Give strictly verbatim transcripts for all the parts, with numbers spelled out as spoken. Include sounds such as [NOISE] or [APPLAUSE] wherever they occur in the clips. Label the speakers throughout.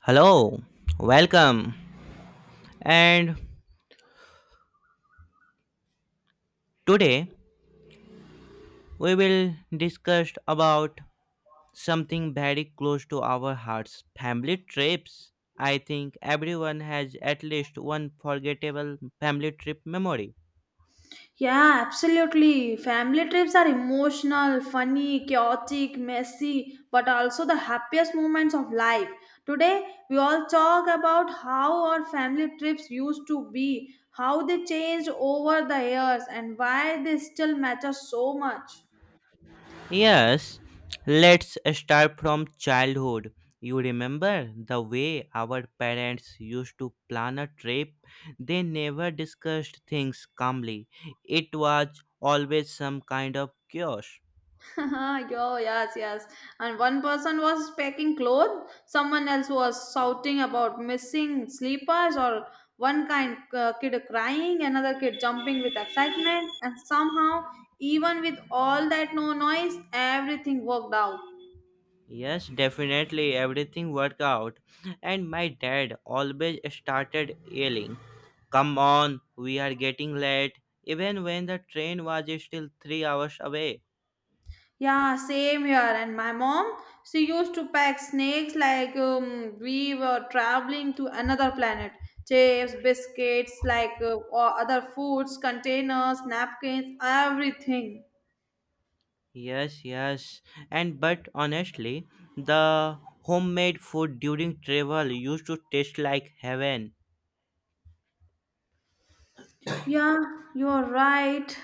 Speaker 1: Hello, welcome. And today we will discuss about something very close to our hearts, family trips. I think everyone has at least one forgettable family trip memory.
Speaker 2: Yeah, absolutely. Family trips are emotional, funny, chaotic, messy, but also the happiest moments of life. Today, we all talk about how our family trips used to be, how they changed over the years, and why they still matter so much.
Speaker 1: Yes, let's start from childhood. You remember the way our parents used to plan a trip? They never discussed things calmly. It was always some kind of chaos.
Speaker 2: [LAUGHS] Yo, yes, yes. And one person was packing clothes, someone else was shouting about missing sleepers, or one kind uh, kid crying, another kid jumping with excitement, and somehow, even with all that no noise, everything worked out.
Speaker 1: Yes, definitely everything worked out. And my dad always started yelling, "Come on, we are getting late," even when the train was still three hours away.
Speaker 2: Yeah, same here. And my mom, she used to pack snacks like um, we were traveling to another planet. Chips, biscuits, like uh, or other foods, containers, napkins, everything.
Speaker 1: Yes, yes. And but honestly, the homemade food during travel used to taste like heaven.
Speaker 2: Yeah, you're right.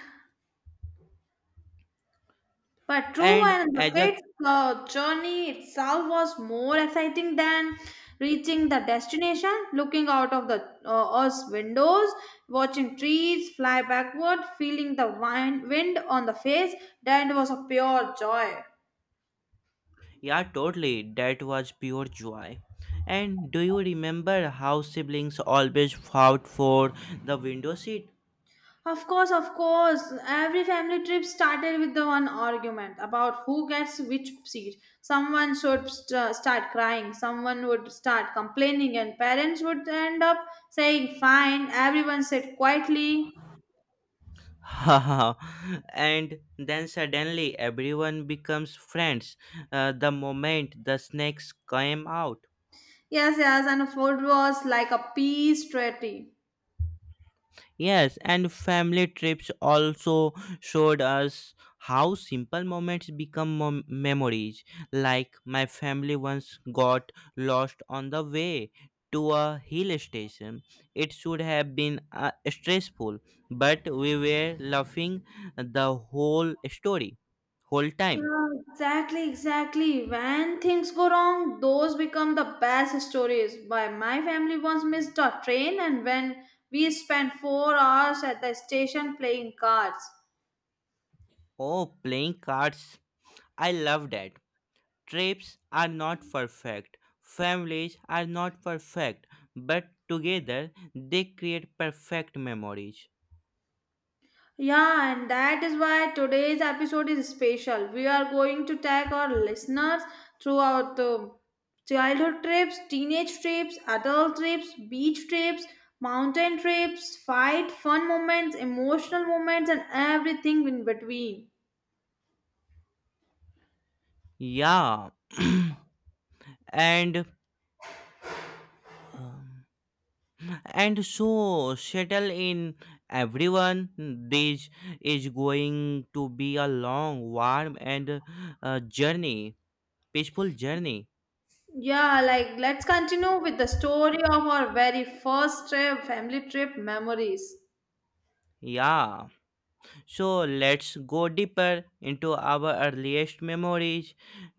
Speaker 2: But true,
Speaker 1: And
Speaker 2: and the
Speaker 1: as a
Speaker 2: kids' uh, journey itself was more exciting than reaching the destination. Looking out of the uh, us windows, watching trees fly backward, feeling the wind, wind on the face, that was a pure joy.
Speaker 1: Yeah, totally, that was pure joy. And do you remember how siblings always fought for the window seat?
Speaker 2: Of course, of course. Every family trip started with the one argument about who gets which seat. Someone should st- start crying, someone would start complaining, and parents would end up saying, "Fine, everyone sit quietly."
Speaker 1: [LAUGHS] and then suddenly everyone becomes friends uh, the moment the snakes came out.
Speaker 2: Yes, yes, and food was like a peace treaty.
Speaker 1: Yes, and family trips also showed us how simple moments become mom- memories. Like my family once got lost on the way to a hill station. It should have been uh, stressful, but we were laughing the whole story, whole time.
Speaker 2: Yeah, exactly, exactly. When things go wrong, those become the best stories. Why my family once missed a train, and when we spent four hours at the station playing cards.
Speaker 1: Oh, playing cards. I love that. Trips are not perfect. Families are not perfect. But together, they create perfect memories.
Speaker 2: Yeah, and that is why today's episode is special. We are going to tag our listeners throughout the childhood trips, teenage trips, adult trips, beach trips, mountain trips, fight, fun moments, emotional moments, and everything in between.
Speaker 1: Yeah. [CLEARS THROAT] and. um, and so settle in, everyone. This is going to be a long, warm, and uh, journey peaceful journey.
Speaker 2: Yeah, like let's continue with the story of our very first trip, family trip memories.
Speaker 1: Yeah. So let's go deeper into our earliest memories.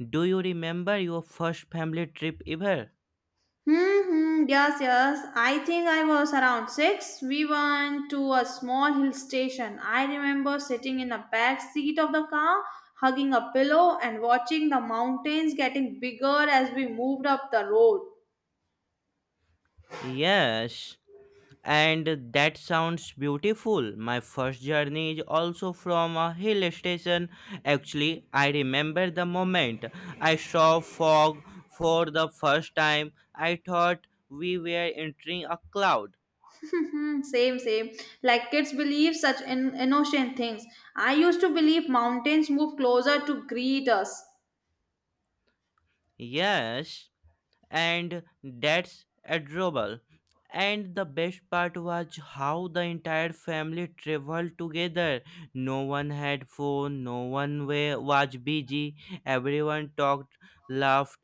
Speaker 1: Do you remember your first family trip ever?
Speaker 2: Hmm, yes, yes. I think I was around six. We went to a small hill station. I remember sitting in the back seat of the car, hugging a pillow, and watching the mountains getting bigger as we moved up the road.
Speaker 1: Yes, and that sounds beautiful. My first journey is also from a hill station. Actually, I remember the moment I saw fog for the first time. I thought we were entering a cloud.
Speaker 2: Hmm, same, same. Like kids believe such in- innocent things. I used to believe mountains move closer to greet us.
Speaker 1: Yes, and that's adorable. And the best part was how the entire family traveled together. No one had phone, no one wa- was busy. Everyone talked, laughed,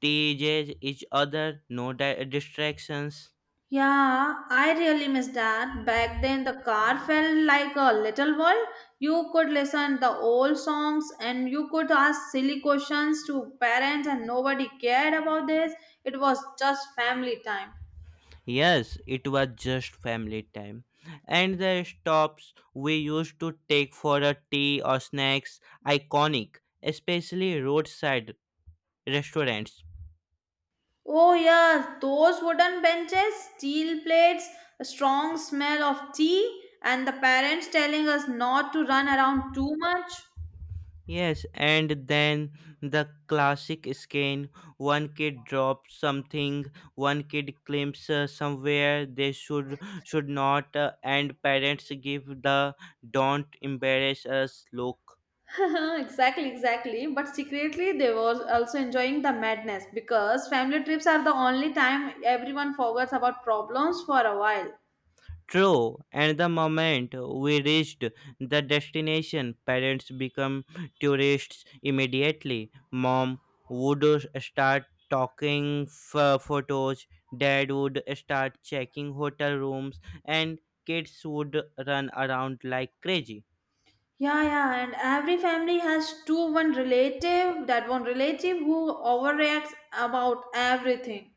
Speaker 1: teased each other, no di- distractions.
Speaker 2: Yeah, I really miss that. Back then, the car felt like a little world. You could listen the old songs and you could ask silly questions to parents and nobody cared about this. It was just family time.
Speaker 1: Yes, it was just family time. And the stops we used to take for a tea or snacks, iconic, especially roadside restaurants.
Speaker 2: Oh yeah, those wooden benches, steel plates, a strong smell of tea and the parents telling us not to run around too much.
Speaker 1: Yes, and then the classic scan, one kid drops something, one kid claims uh, somewhere they should should not, uh, and parents give the "don't embarrass us" look.
Speaker 2: [LAUGHS] exactly, exactly. But secretly, they were also enjoying the madness because family trips are the only time everyone forgets about problems for a while.
Speaker 1: True, and the moment we reached the destination, parents become tourists immediately. Mom would start talking f- photos, dad would start checking hotel rooms, and kids would run around like crazy.
Speaker 2: Yeah, yeah, and every family has two one relative, that one relative who overreacts about everything.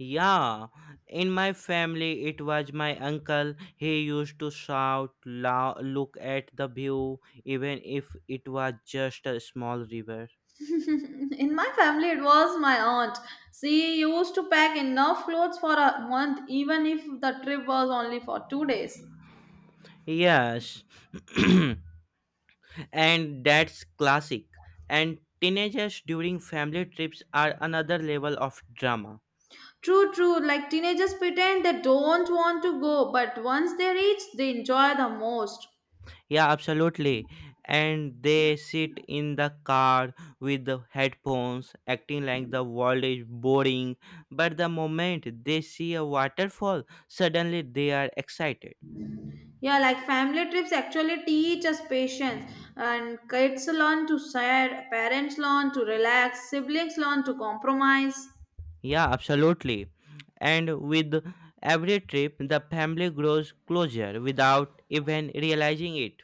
Speaker 1: Yeah, in my family, it was my uncle. He used to shout, lo- look at the view, even if it was just a small river.
Speaker 2: [LAUGHS] In my family, it was my aunt. She used to pack enough clothes for a month, even if the trip was only for two days.
Speaker 1: Yes, [CLEARS THROAT] and that's classic. And teenagers during family trips are another level of drama.
Speaker 2: True, true. Like teenagers pretend they don't want to go, but once they reach, they enjoy the most.
Speaker 1: Yeah, absolutely. And they sit in the car with the headphones, acting like the world is boring. But the moment they see a waterfall, suddenly they are excited.
Speaker 2: Yeah, like family trips actually teach us patience, and kids learn to share, parents learn to relax, siblings learn to compromise.
Speaker 1: Yeah, absolutely. And with every trip, the family grows closer without even realizing it.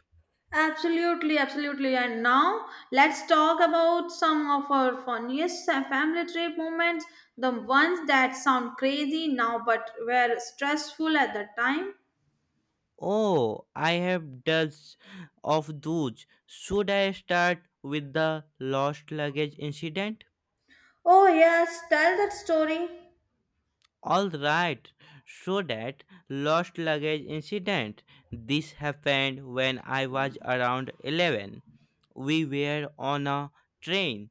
Speaker 2: Absolutely, absolutely. And now let's talk about some of our funniest uh, family trip moments, the ones that sound crazy now but were stressful at the time.
Speaker 1: Oh, I have dozens of those. Should I start with the lost luggage incident?
Speaker 2: Oh, yes, tell that story.
Speaker 1: All right. So that lost luggage incident. This happened when I was around eleven. We were on a train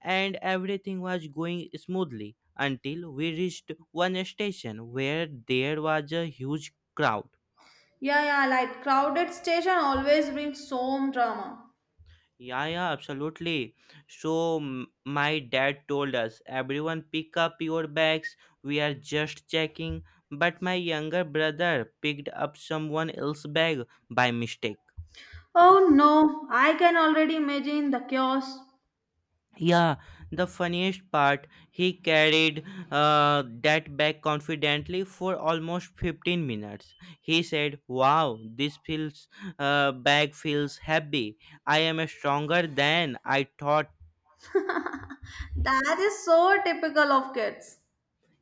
Speaker 1: and everything was going smoothly until we reached one station where there was a huge crowd.
Speaker 2: Yeah, yeah, like crowded station always brings some drama.
Speaker 1: Yeah, yeah, absolutely. So, m- my dad told us, everyone pick up your bags, we are just checking. But my younger brother picked up someone else's bag by mistake.
Speaker 2: Oh no, I can already imagine the chaos.
Speaker 1: Yeah, the funniest part, he carried uh, that bag confidently for almost fifteen minutes. He said, "Wow, this feels, uh, bag feels heavy. I am stronger than I thought."
Speaker 2: That is so typical of kids.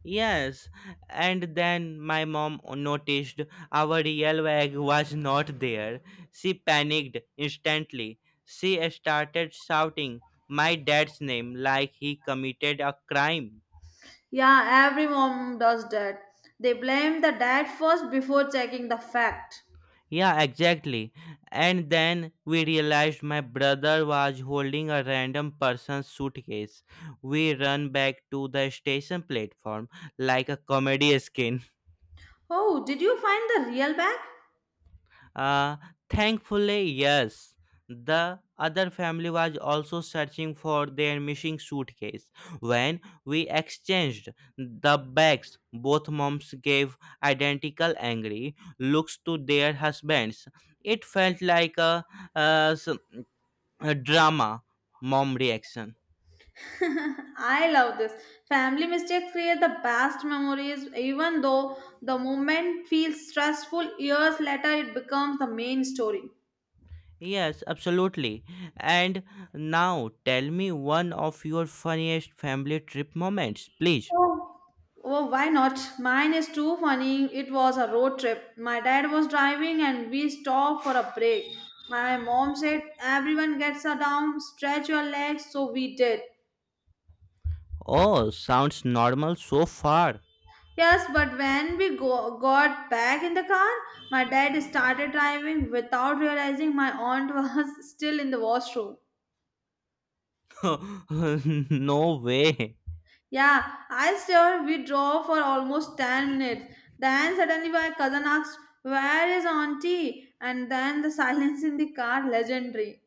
Speaker 1: Yes, and then my mom noticed our real bag was not there. She panicked instantly. She started shouting my dad's name like he committed a crime.
Speaker 2: Yeah, every mom does that. They blame the dad first before checking the fact.
Speaker 1: Yeah, exactly. And then we realized my brother was holding a random person's suitcase. We run back to the station platform like a comedy skin.
Speaker 2: Oh, did you find the real bag?
Speaker 1: Uh, thankfully, yes. The other family was also searching for their missing suitcase. When we exchanged the bags, both moms gave identical angry looks to their husbands. It felt like a, uh, s- a drama mom reaction.
Speaker 2: [LAUGHS] I love this. Family mistakes create the best memories, even though the moment feels stressful, years later it becomes the main story.
Speaker 1: Yes, absolutely. And now tell me one of your funniest family trip moments, please.
Speaker 2: Oh, why not? Mine is too funny. It was a road trip. My dad was driving and we stopped for a break. My mom said, "Everyone gets a down, stretch your legs." So we did.
Speaker 1: Oh, sounds normal so far.
Speaker 2: Yes, but when we go- got back in the car, my dad started driving without realizing my aunt [LAUGHS] was still in the washroom.
Speaker 1: [LAUGHS] No way.
Speaker 2: Yeah, I swear we drove for almost ten minutes. Then suddenly my cousin asked, "Where is auntie?" And then the [LAUGHS] silence in the car, legendary.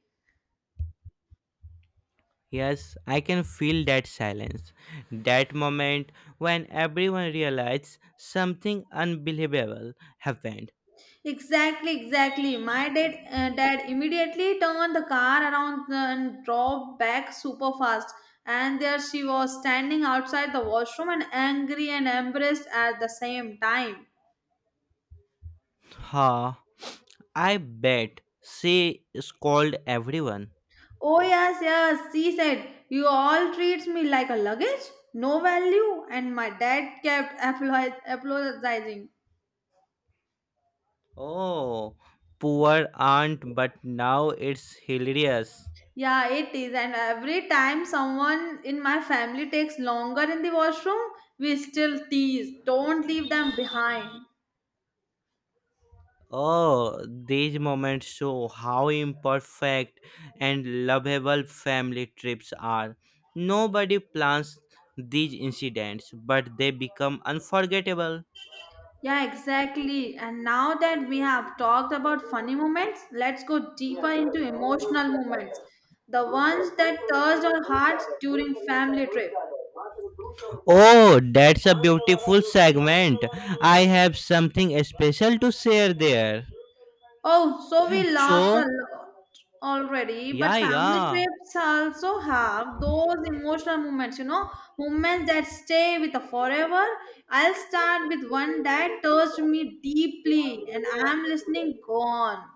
Speaker 1: Yes, I can feel that silence. That moment when everyone realizes something unbelievable happened.
Speaker 2: Exactly, exactly. My dad, uh, dad immediately turned the car around and drove back super fast. And there she was standing outside the washroom and angry and embarrassed at the same time.
Speaker 1: Ha. I bet she scolded everyone.
Speaker 2: Oh yes, yes, she said, "You all treats me like a luggage, no value." And my dad kept [LAUGHS] apolo- apologizing.
Speaker 1: Oh, poor aunt, but now it's hilarious.
Speaker 2: Yeah, it is. And every time someone in my family takes longer in the washroom, we still tease. Don't leave them behind.
Speaker 1: Oh, these moments show how imperfect and lovable family trips are. Nobody plans these incidents, but they become unforgettable.
Speaker 2: Yeah, exactly. And now that we have talked about funny moments, let's go deeper into emotional moments. The ones that touched our hearts during family trip.
Speaker 1: Oh, that's a beautiful segment. I have something special to share there.
Speaker 2: Oh, so we laughed a
Speaker 1: So,
Speaker 2: lot already, but
Speaker 1: yeah,
Speaker 2: family
Speaker 1: yeah.
Speaker 2: trips also have those emotional moments, you know, moments that stay with us forever. I'll start with one that touched me deeply, and I'm listening gone.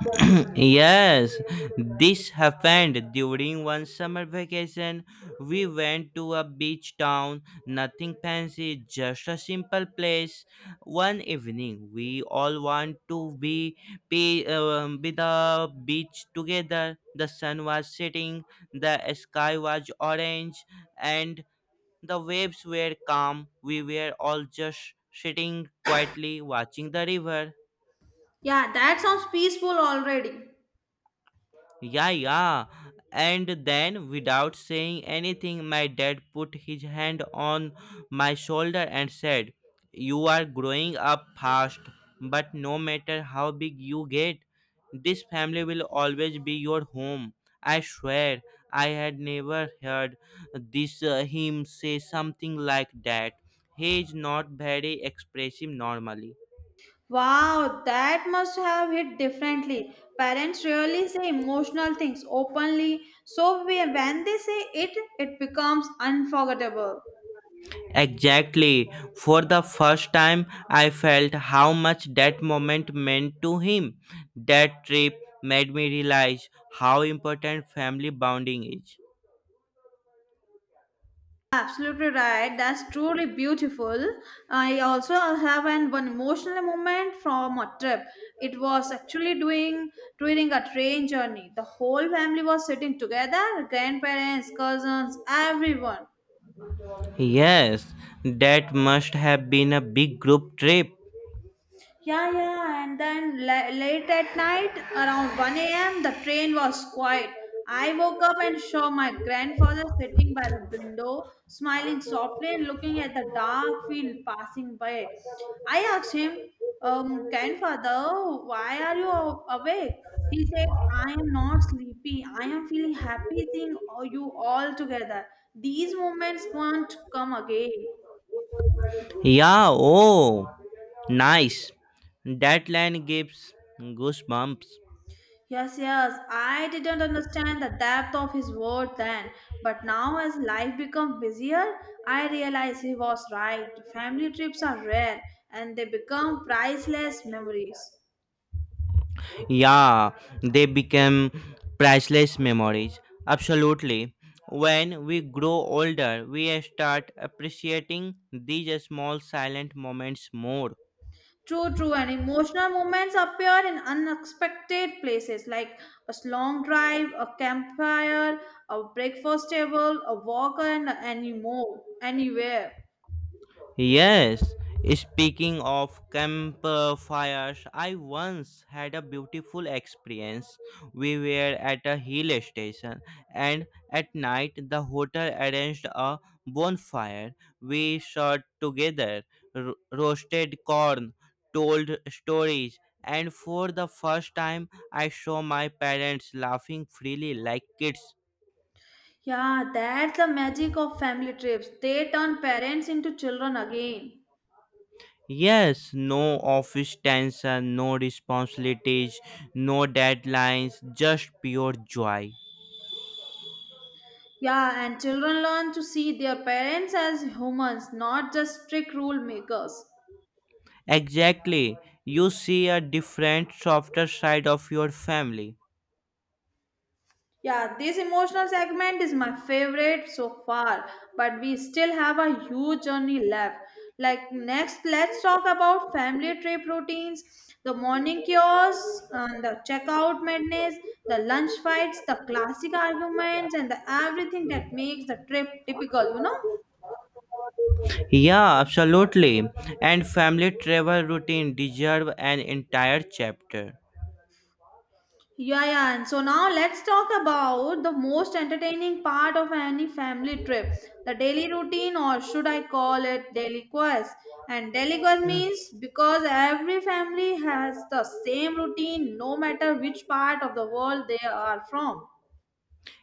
Speaker 1: [CLEARS THROAT] Yes, this happened during one summer vacation. We went to a beach town, nothing fancy, just a simple place. One evening, we all want to be be, um, be the beach together. The sun was setting, the sky was orange, and the waves were calm. We were all just sitting quietly watching the river.
Speaker 2: Yeah, that sounds peaceful already.
Speaker 1: Yeah, yeah. And then, without saying anything, my dad put his hand on my shoulder and said, "You are growing up fast, but no matter how big you get, this family will always be your home." I swear, I had never heard this uh, him say something like that. He is not very expressive normally.
Speaker 2: Wow, that must have hit differently. Parents rarely say emotional things openly, so we- when they say it, it becomes unforgettable.
Speaker 1: Exactly. For the first time, I felt how much that moment meant to him. That trip made me realize how important family bonding is.
Speaker 2: Absolutely right. That's truly beautiful. I also have an one emotional moment from a trip. It was actually doing during a train journey. The whole family was sitting together, grandparents, cousins, everyone.
Speaker 1: Yes, that must have been a big group trip.
Speaker 2: Yeah, yeah, and then la- late at night, around one a m, the train was quiet. I woke up and saw my grandfather sitting by the window, smiling softly and looking at the dark field passing by. I asked him, um, "Grandfather, why are you a- awake?" He said, "I am not sleepy. I am feeling happy seeing all- you all together. These moments won't come again."
Speaker 1: Yeah, oh, nice. That line gives goosebumps.
Speaker 2: Yes, yes, I didn't understand the depth of his word then, but now as life become busier, I realize he was right. Family trips are rare and they become priceless memories.
Speaker 1: Yeah, they become priceless memories. Absolutely. When we grow older, we start appreciating these small silent moments more.
Speaker 2: True, true, and emotional moments appear in unexpected places like a long drive, a campfire, a breakfast table, a walk, and anymore, anywhere.
Speaker 1: Yes, speaking of campfires, I once had a beautiful experience. We were at a hill station, and at night the hotel arranged a bonfire. We sat together, ro- roasted corn, told stories, and for the first time I saw my parents laughing freely like kids.
Speaker 2: Yeah, that's the magic of family trips. They turn parents into children again.
Speaker 1: Yes, no office tension, no responsibilities, no deadlines, just pure joy.
Speaker 2: Yeah, and children learn to see their parents as humans, not just strict rule makers.
Speaker 1: Exactly. You see a different, softer side of your family.
Speaker 2: Yeah, this emotional segment is my favorite so far, but we still have a huge journey left. Like, next, let's talk about family trip routines the morning chaos, and the checkout madness, the lunch fights, the classic arguments, and the everything that makes the trip typical, you know?
Speaker 1: Yeah, absolutely. And family travel routine deserve an entire chapter.
Speaker 2: Yeah, yeah. And so now let's talk about the most entertaining part of any family trip the daily routine, or should I call it daily quest? And daily quest
Speaker 1: Mm.
Speaker 2: means because every family has the same routine no matter which part of the world they are from.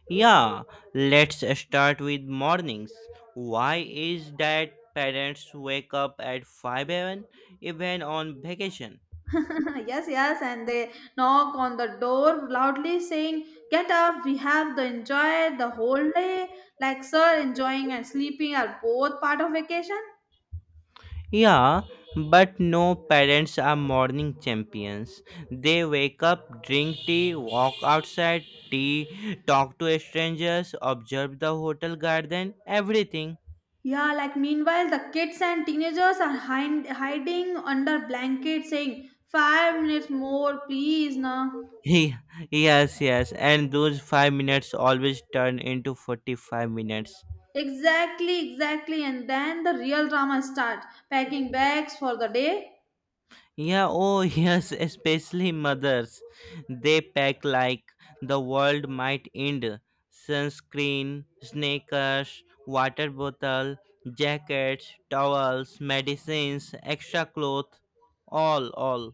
Speaker 1: Yeah, let's start with mornings. Why is that parents wake up at five a m even on vacation?
Speaker 2: [LAUGHS] yes, yes. And they knock on the door loudly saying, "Get up, we have to enjoy the whole day." Like, sir, enjoying and sleeping are both part of vacation.
Speaker 1: Yeah, but no parents are morning champions. They wake up, drink tea, walk outside, tea, talk to strangers, observe the hotel garden, everything.
Speaker 2: Yeah, like meanwhile, the kids and teenagers are hind- hiding under blankets saying, "Five minutes more, please, na."
Speaker 1: [LAUGHS] He yes, yes, and those five minutes always turn into forty-five minutes.
Speaker 2: Exactly, exactly. And then the real drama starts packing bags for the day.
Speaker 1: Yeah, oh [LAUGHS] yes, especially mothers. They pack like the world might end. Sunscreen, sneakers, water bottle, jackets, towels, medicines, extra clothes, all, all.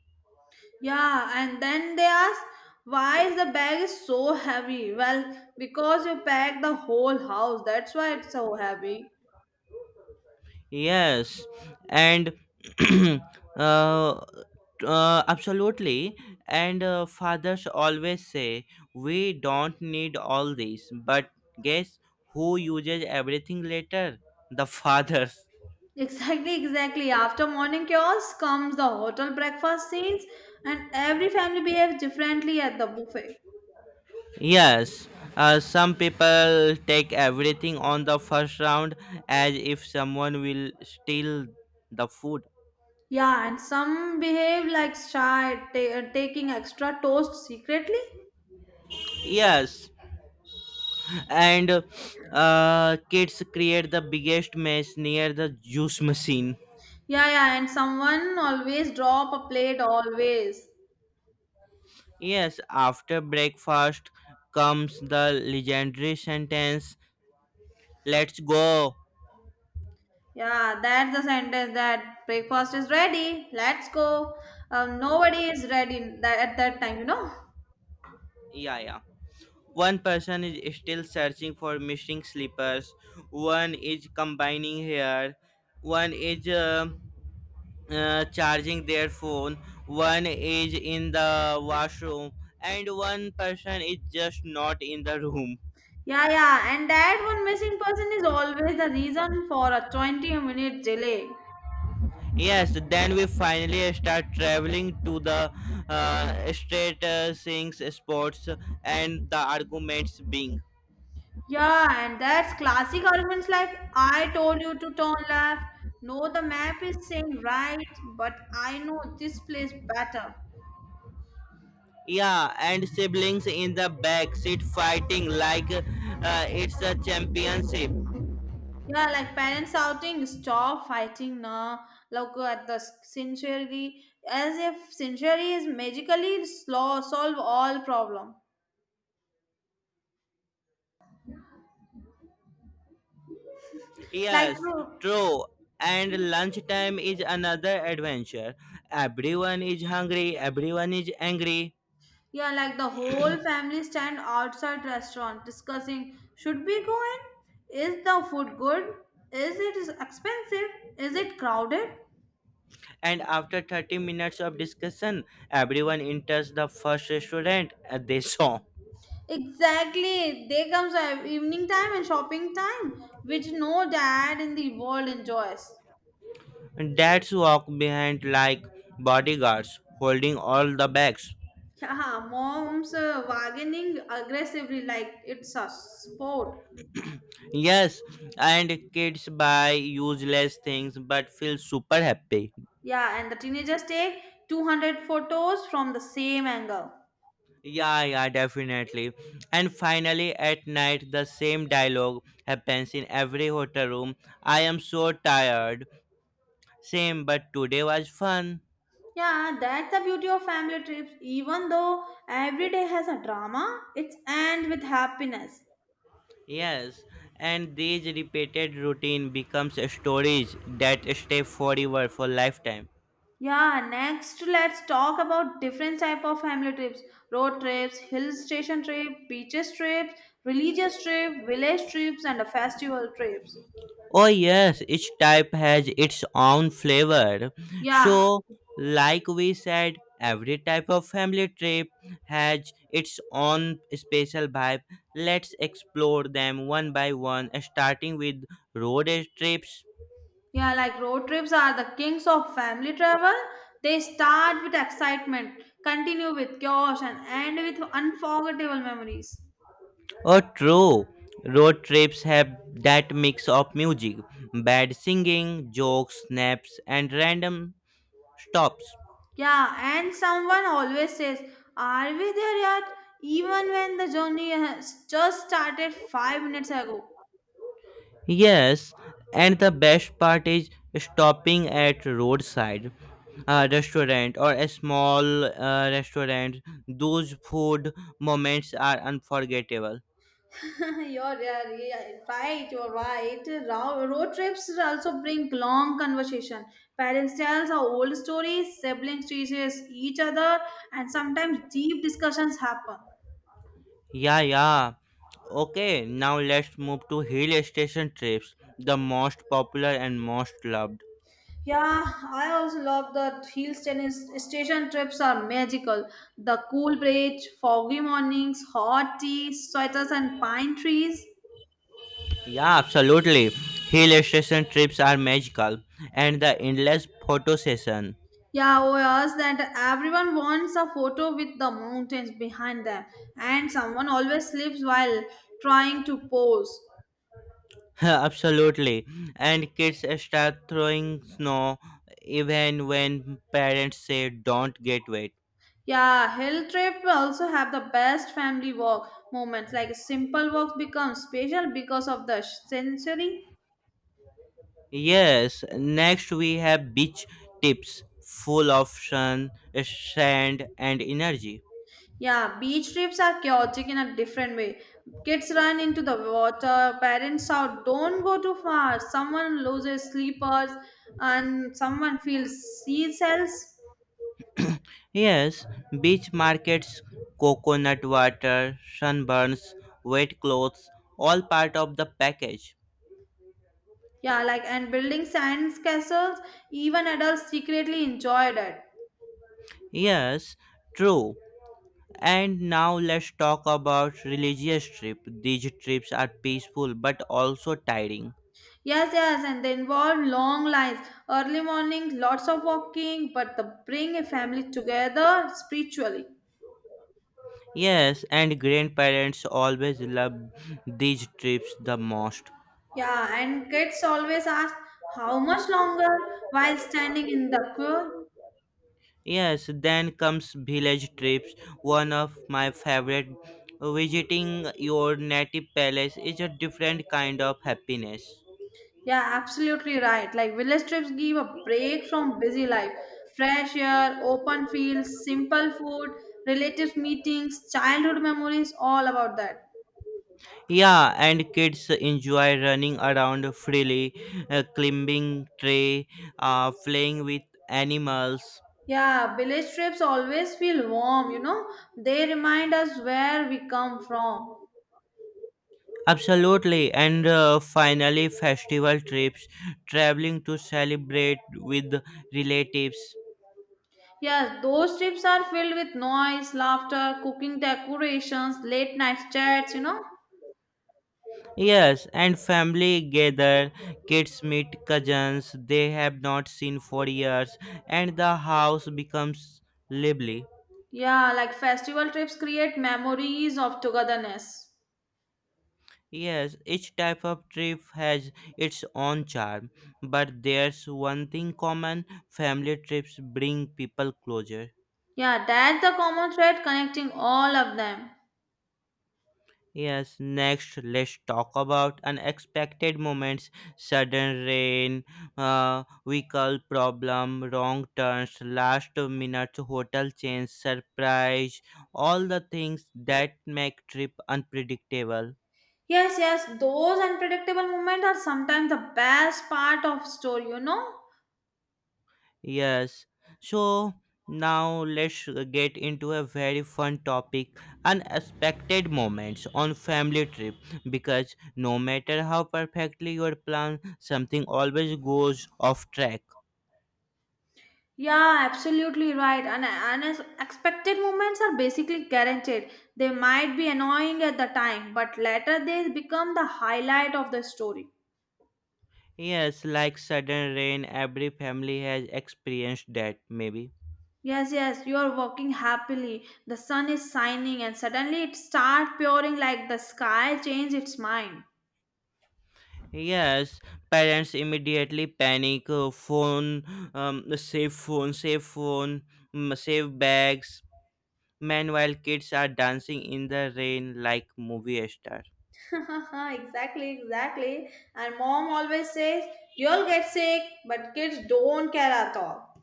Speaker 2: Yeah, and then they ask, "Why is the bag is so heavy?" Well, because you packed the whole house, that's why it's so heavy. [LAUGHS]
Speaker 1: Yes, and [CLEARS THROAT] uh, uh, absolutely. And uh, fathers always say, "We don't need all this." But guess who uses everything later? The fathers.
Speaker 2: Exactly, exactly. After morning chaos comes the hotel breakfast scenes, and every family behaves differently at the buffet.
Speaker 1: Yes, uh, some people take everything on the first round as if someone will steal the food.
Speaker 2: Yeah, and some behave like shy, ta- uh, taking extra toast secretly.
Speaker 1: Yes, and uh, kids create the biggest mess near the juice machine.
Speaker 2: Yeah, yeah, and someone always drop a plate always.
Speaker 1: Yes, after breakfast comes the legendary sentence, "let's go."
Speaker 2: Yeah, that's the sentence that breakfast is ready. Let's go. Um, nobody is ready that, at that time, you know.
Speaker 1: Yeah, yeah. One person is still searching for missing slippers, one is combining hair, one is uh, uh, charging their phone, one is in the washroom, and one person is just not in the room.
Speaker 2: Yeah, yeah, and that one missing person is always the reason for a twenty minute delay.
Speaker 1: Yes, then we finally start traveling to the uh, straight uh, things, sports, and the arguments being.
Speaker 2: Yeah, and that's classic arguments like "I told you to turn left." "No, the map is saying right, but I know this place better."
Speaker 1: Yeah, and siblings in the back seat fighting like uh, it's a championship.
Speaker 2: Yeah, like parents outing, stop fighting now. Look at the sincerity, as if sincerity is magically slow, solve all problem. Like
Speaker 1: Yes,
Speaker 2: uh,
Speaker 1: true. And lunchtime is another adventure. Everyone is hungry, everyone is angry.
Speaker 2: yeah, like the whole family stand outside restaurant discussing should we go in? Is the food good? Is it is expensive? Is it crowded?
Speaker 1: And after thirty minutes of discussion, everyone enters the first restaurant uh, they saw.
Speaker 2: Exactly. There comes a evening time and shopping time, which no dad in the world enjoys.
Speaker 1: Dads walk behind like bodyguards, holding all the bags.
Speaker 2: Yeah, [LAUGHS] mom's uh, bargaining aggressively like it's a sport.
Speaker 1: Yes, and kids buy useless things but feel super happy.
Speaker 2: Yeah, and the teenagers take two hundred photos from the same angle.
Speaker 1: Yeah, yeah, definitely. And finally, at night, the same dialogue happens in every hotel room. "I am so tired." "Same, but today was fun."
Speaker 2: Yeah, that's the beauty of family trips. Even though every day has a drama, it's ends with happiness.
Speaker 1: Yes, and these repeated routine becomes stories that stay forever for lifetime.
Speaker 2: Yeah, next let's talk about different type of family trips. Road trips, hill station trip, beaches trips, religious trip, village trips and the festival trips.
Speaker 1: Oh yes, each type has its own flavor.
Speaker 2: Yeah.
Speaker 1: So, like we said, every type of family trip has its own special vibe. Let's explore them one by one, starting with road trips.
Speaker 2: Yeah, like road trips are the kings of family travel. They start with excitement, continue with chaos and end with unforgettable memories.
Speaker 1: Oh, true. Road trips have that mix of music, bad singing, jokes, snaps, and random stops.
Speaker 2: Yeah, and someone always says, "Are we there yet?" even when the journey has just started five minutes ago.
Speaker 1: Yes, and the best part is stopping at roadside uh, restaurant or a small uh, restaurant. Those food moments are unforgettable.
Speaker 2: [LAUGHS] You're, yeah, yeah, right, you're right. Ro- Road trips also bring long conversation. Parents tell our old stories, siblings teaches each other, and sometimes deep discussions happen.
Speaker 1: Yeah, yeah. Okay, now let's move to hill station trips, the most popular and most loved.
Speaker 2: Yeah, I also love the hill station station trips are magical. The cool bridge, foggy mornings, hot tea, sweaters and pine trees.
Speaker 1: Yeah, absolutely. Hill station trips are magical, and the endless photo session.
Speaker 2: Yeah, was that everyone wants a photo with the mountains behind them, and someone always sleeps while trying to pose.
Speaker 1: [LAUGHS] Absolutely. And kids start throwing snow even when parents say don't get wet.
Speaker 2: Yeah, hill trip also have the best family walk moments. Like simple walks become special because of the sensory.
Speaker 1: Yes, next we have beach tips full of sun, sand, and energy.
Speaker 2: Yeah, beach trips are chaotic in a different way. Kids run into the water, parents shout, "Don't go too far!" Someone loses slippers, and someone feels sea cells.
Speaker 1: Yes, beach markets, coconut water, sunburns, wet clothes, all part of the package.
Speaker 2: Yeah, like and building science castles, even adults secretly enjoyed it.
Speaker 1: Yes, true. And now let's talk about religious trip. These trips are peaceful but also tiring.
Speaker 2: Yes, yes, and they involve long lines, early mornings, lots of walking, but the bring a family together spiritually.
Speaker 1: Yes, and grandparents always love these trips the most.
Speaker 2: Yeah, and kids always ask how much longer while standing in the queue.
Speaker 1: Yes, then comes village trips. One of my favorite, visiting your native palace is a different kind of happiness.
Speaker 2: Yeah, absolutely right. Like village trips give a break from busy life. Fresh air, open fields, simple food, relatives meetings, childhood memories, all about that.
Speaker 1: Yeah, and kids enjoy running around freely, uh, climbing tree, uh, playing with animals.
Speaker 2: Yeah, village trips always feel warm, you know. They remind us where we come from.
Speaker 1: Absolutely, and uh, finally, festival trips, traveling to celebrate with relatives.
Speaker 2: Yes, those trips are filled with noise, laughter, cooking decorations, late night chats, you know.
Speaker 1: Yes, and family gather, kids meet cousins they have not seen for years, and the house becomes lively.
Speaker 2: Yeah, like festival trips create memories of togetherness.
Speaker 1: Yes, each type of trip has its own charm, but there's one thing common, family trips bring people closer.
Speaker 2: Yeah, that's the common thread connecting all of them.
Speaker 1: Yes, next let's talk about unexpected moments, sudden rain, uh, vehicle problem, wrong turns, last minute hotel change, surprise, all the things that make trip unpredictable.
Speaker 2: Yes, yes, those unpredictable moments are sometimes the best part of story, you know.
Speaker 1: Yes, so now let's get into a very fun topic, unexpected moments on family trip, because no matter how perfectly your plan, something always goes off track.
Speaker 2: Yeah, absolutely right. And unexpected moments are basically guaranteed. They might be annoying at the time, but later they become the highlight of the story.
Speaker 1: Yes, like sudden rain, every family has experienced that, maybe.
Speaker 2: Yes, yes, you are walking happily, the sun is shining, and suddenly it starts pouring like the sky changed its mind.
Speaker 1: Yes, parents immediately panic, uh, phone, um, save phone, save phone, mm, save bags. Meanwhile, kids are dancing in the rain like movie stars.
Speaker 2: [LAUGHS] exactly, exactly. And mom always says, "You'll get sick," but kids don't care at all.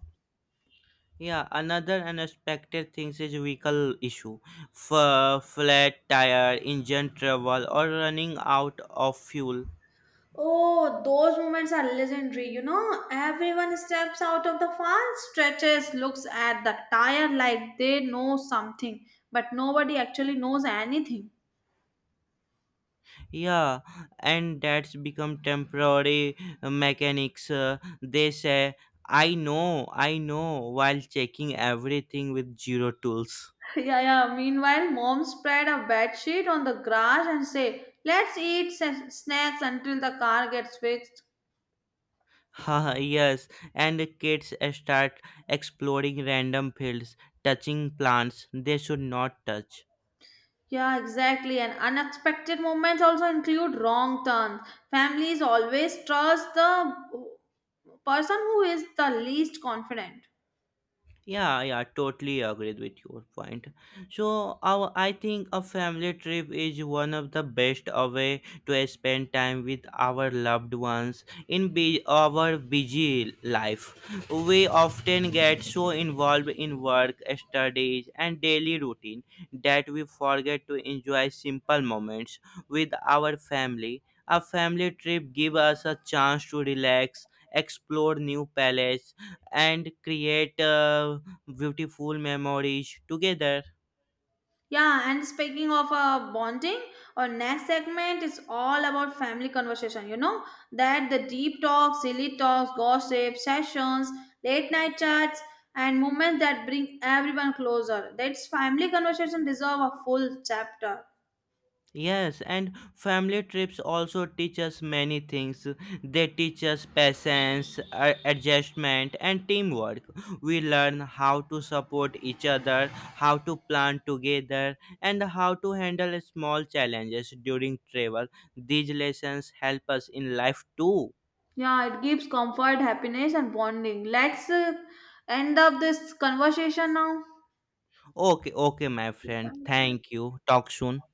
Speaker 1: Yeah, another unexpected thing is vehicle issue. F- flat tire, engine trouble, or running out of fuel.
Speaker 2: Oh, those moments are legendary. You know, everyone steps out of the farm, stretches, looks at the tire like they know something, but nobody actually knows anything.
Speaker 1: Yeah, and that's become temporary uh, mechanics. Uh, they say, "I know, I know," while checking everything with zero tools.
Speaker 2: [LAUGHS] Yeah, yeah. Meanwhile, mom spread a bed sheet on the grass and say, "Let's eat sa- snacks until the car gets fixed."
Speaker 1: [LAUGHS] Haha, yes, and the kids uh, start exploring random fields, touching plants they should not touch.
Speaker 2: Yeah, exactly. And unexpected moments also include wrong turns. Families always trust the person who is the least confident.
Speaker 1: Yeah, yeah, totally agree with your point. So, our, I think a family trip is one of the best a way to spend time with our loved ones in bu- our busy life. We often get so involved in work, studies, and daily routine that we forget to enjoy simple moments with our family. A family trip gives us a chance to relax, explore new places and create uh, beautiful memories together.
Speaker 2: Yeah, and speaking of uh, bonding, our next segment is all about family conversation. You know that the deep talks, silly talks, gossip, sessions, late night chats, and moments that bring everyone closer. That's family conversation deserve a full chapter.
Speaker 1: Yes, and family trips also teach us many things. They teach us patience, a- adjustment, and teamwork. We learn how to support each other, how to plan together, and how to handle small challenges during travel. These lessons help us in life too.
Speaker 2: Yeah, it gives comfort, happiness, and bonding. Let's uh, end up this conversation
Speaker 1: Okay, okay, my friend.
Speaker 2: now.
Speaker 1: Thank you. Talk soon.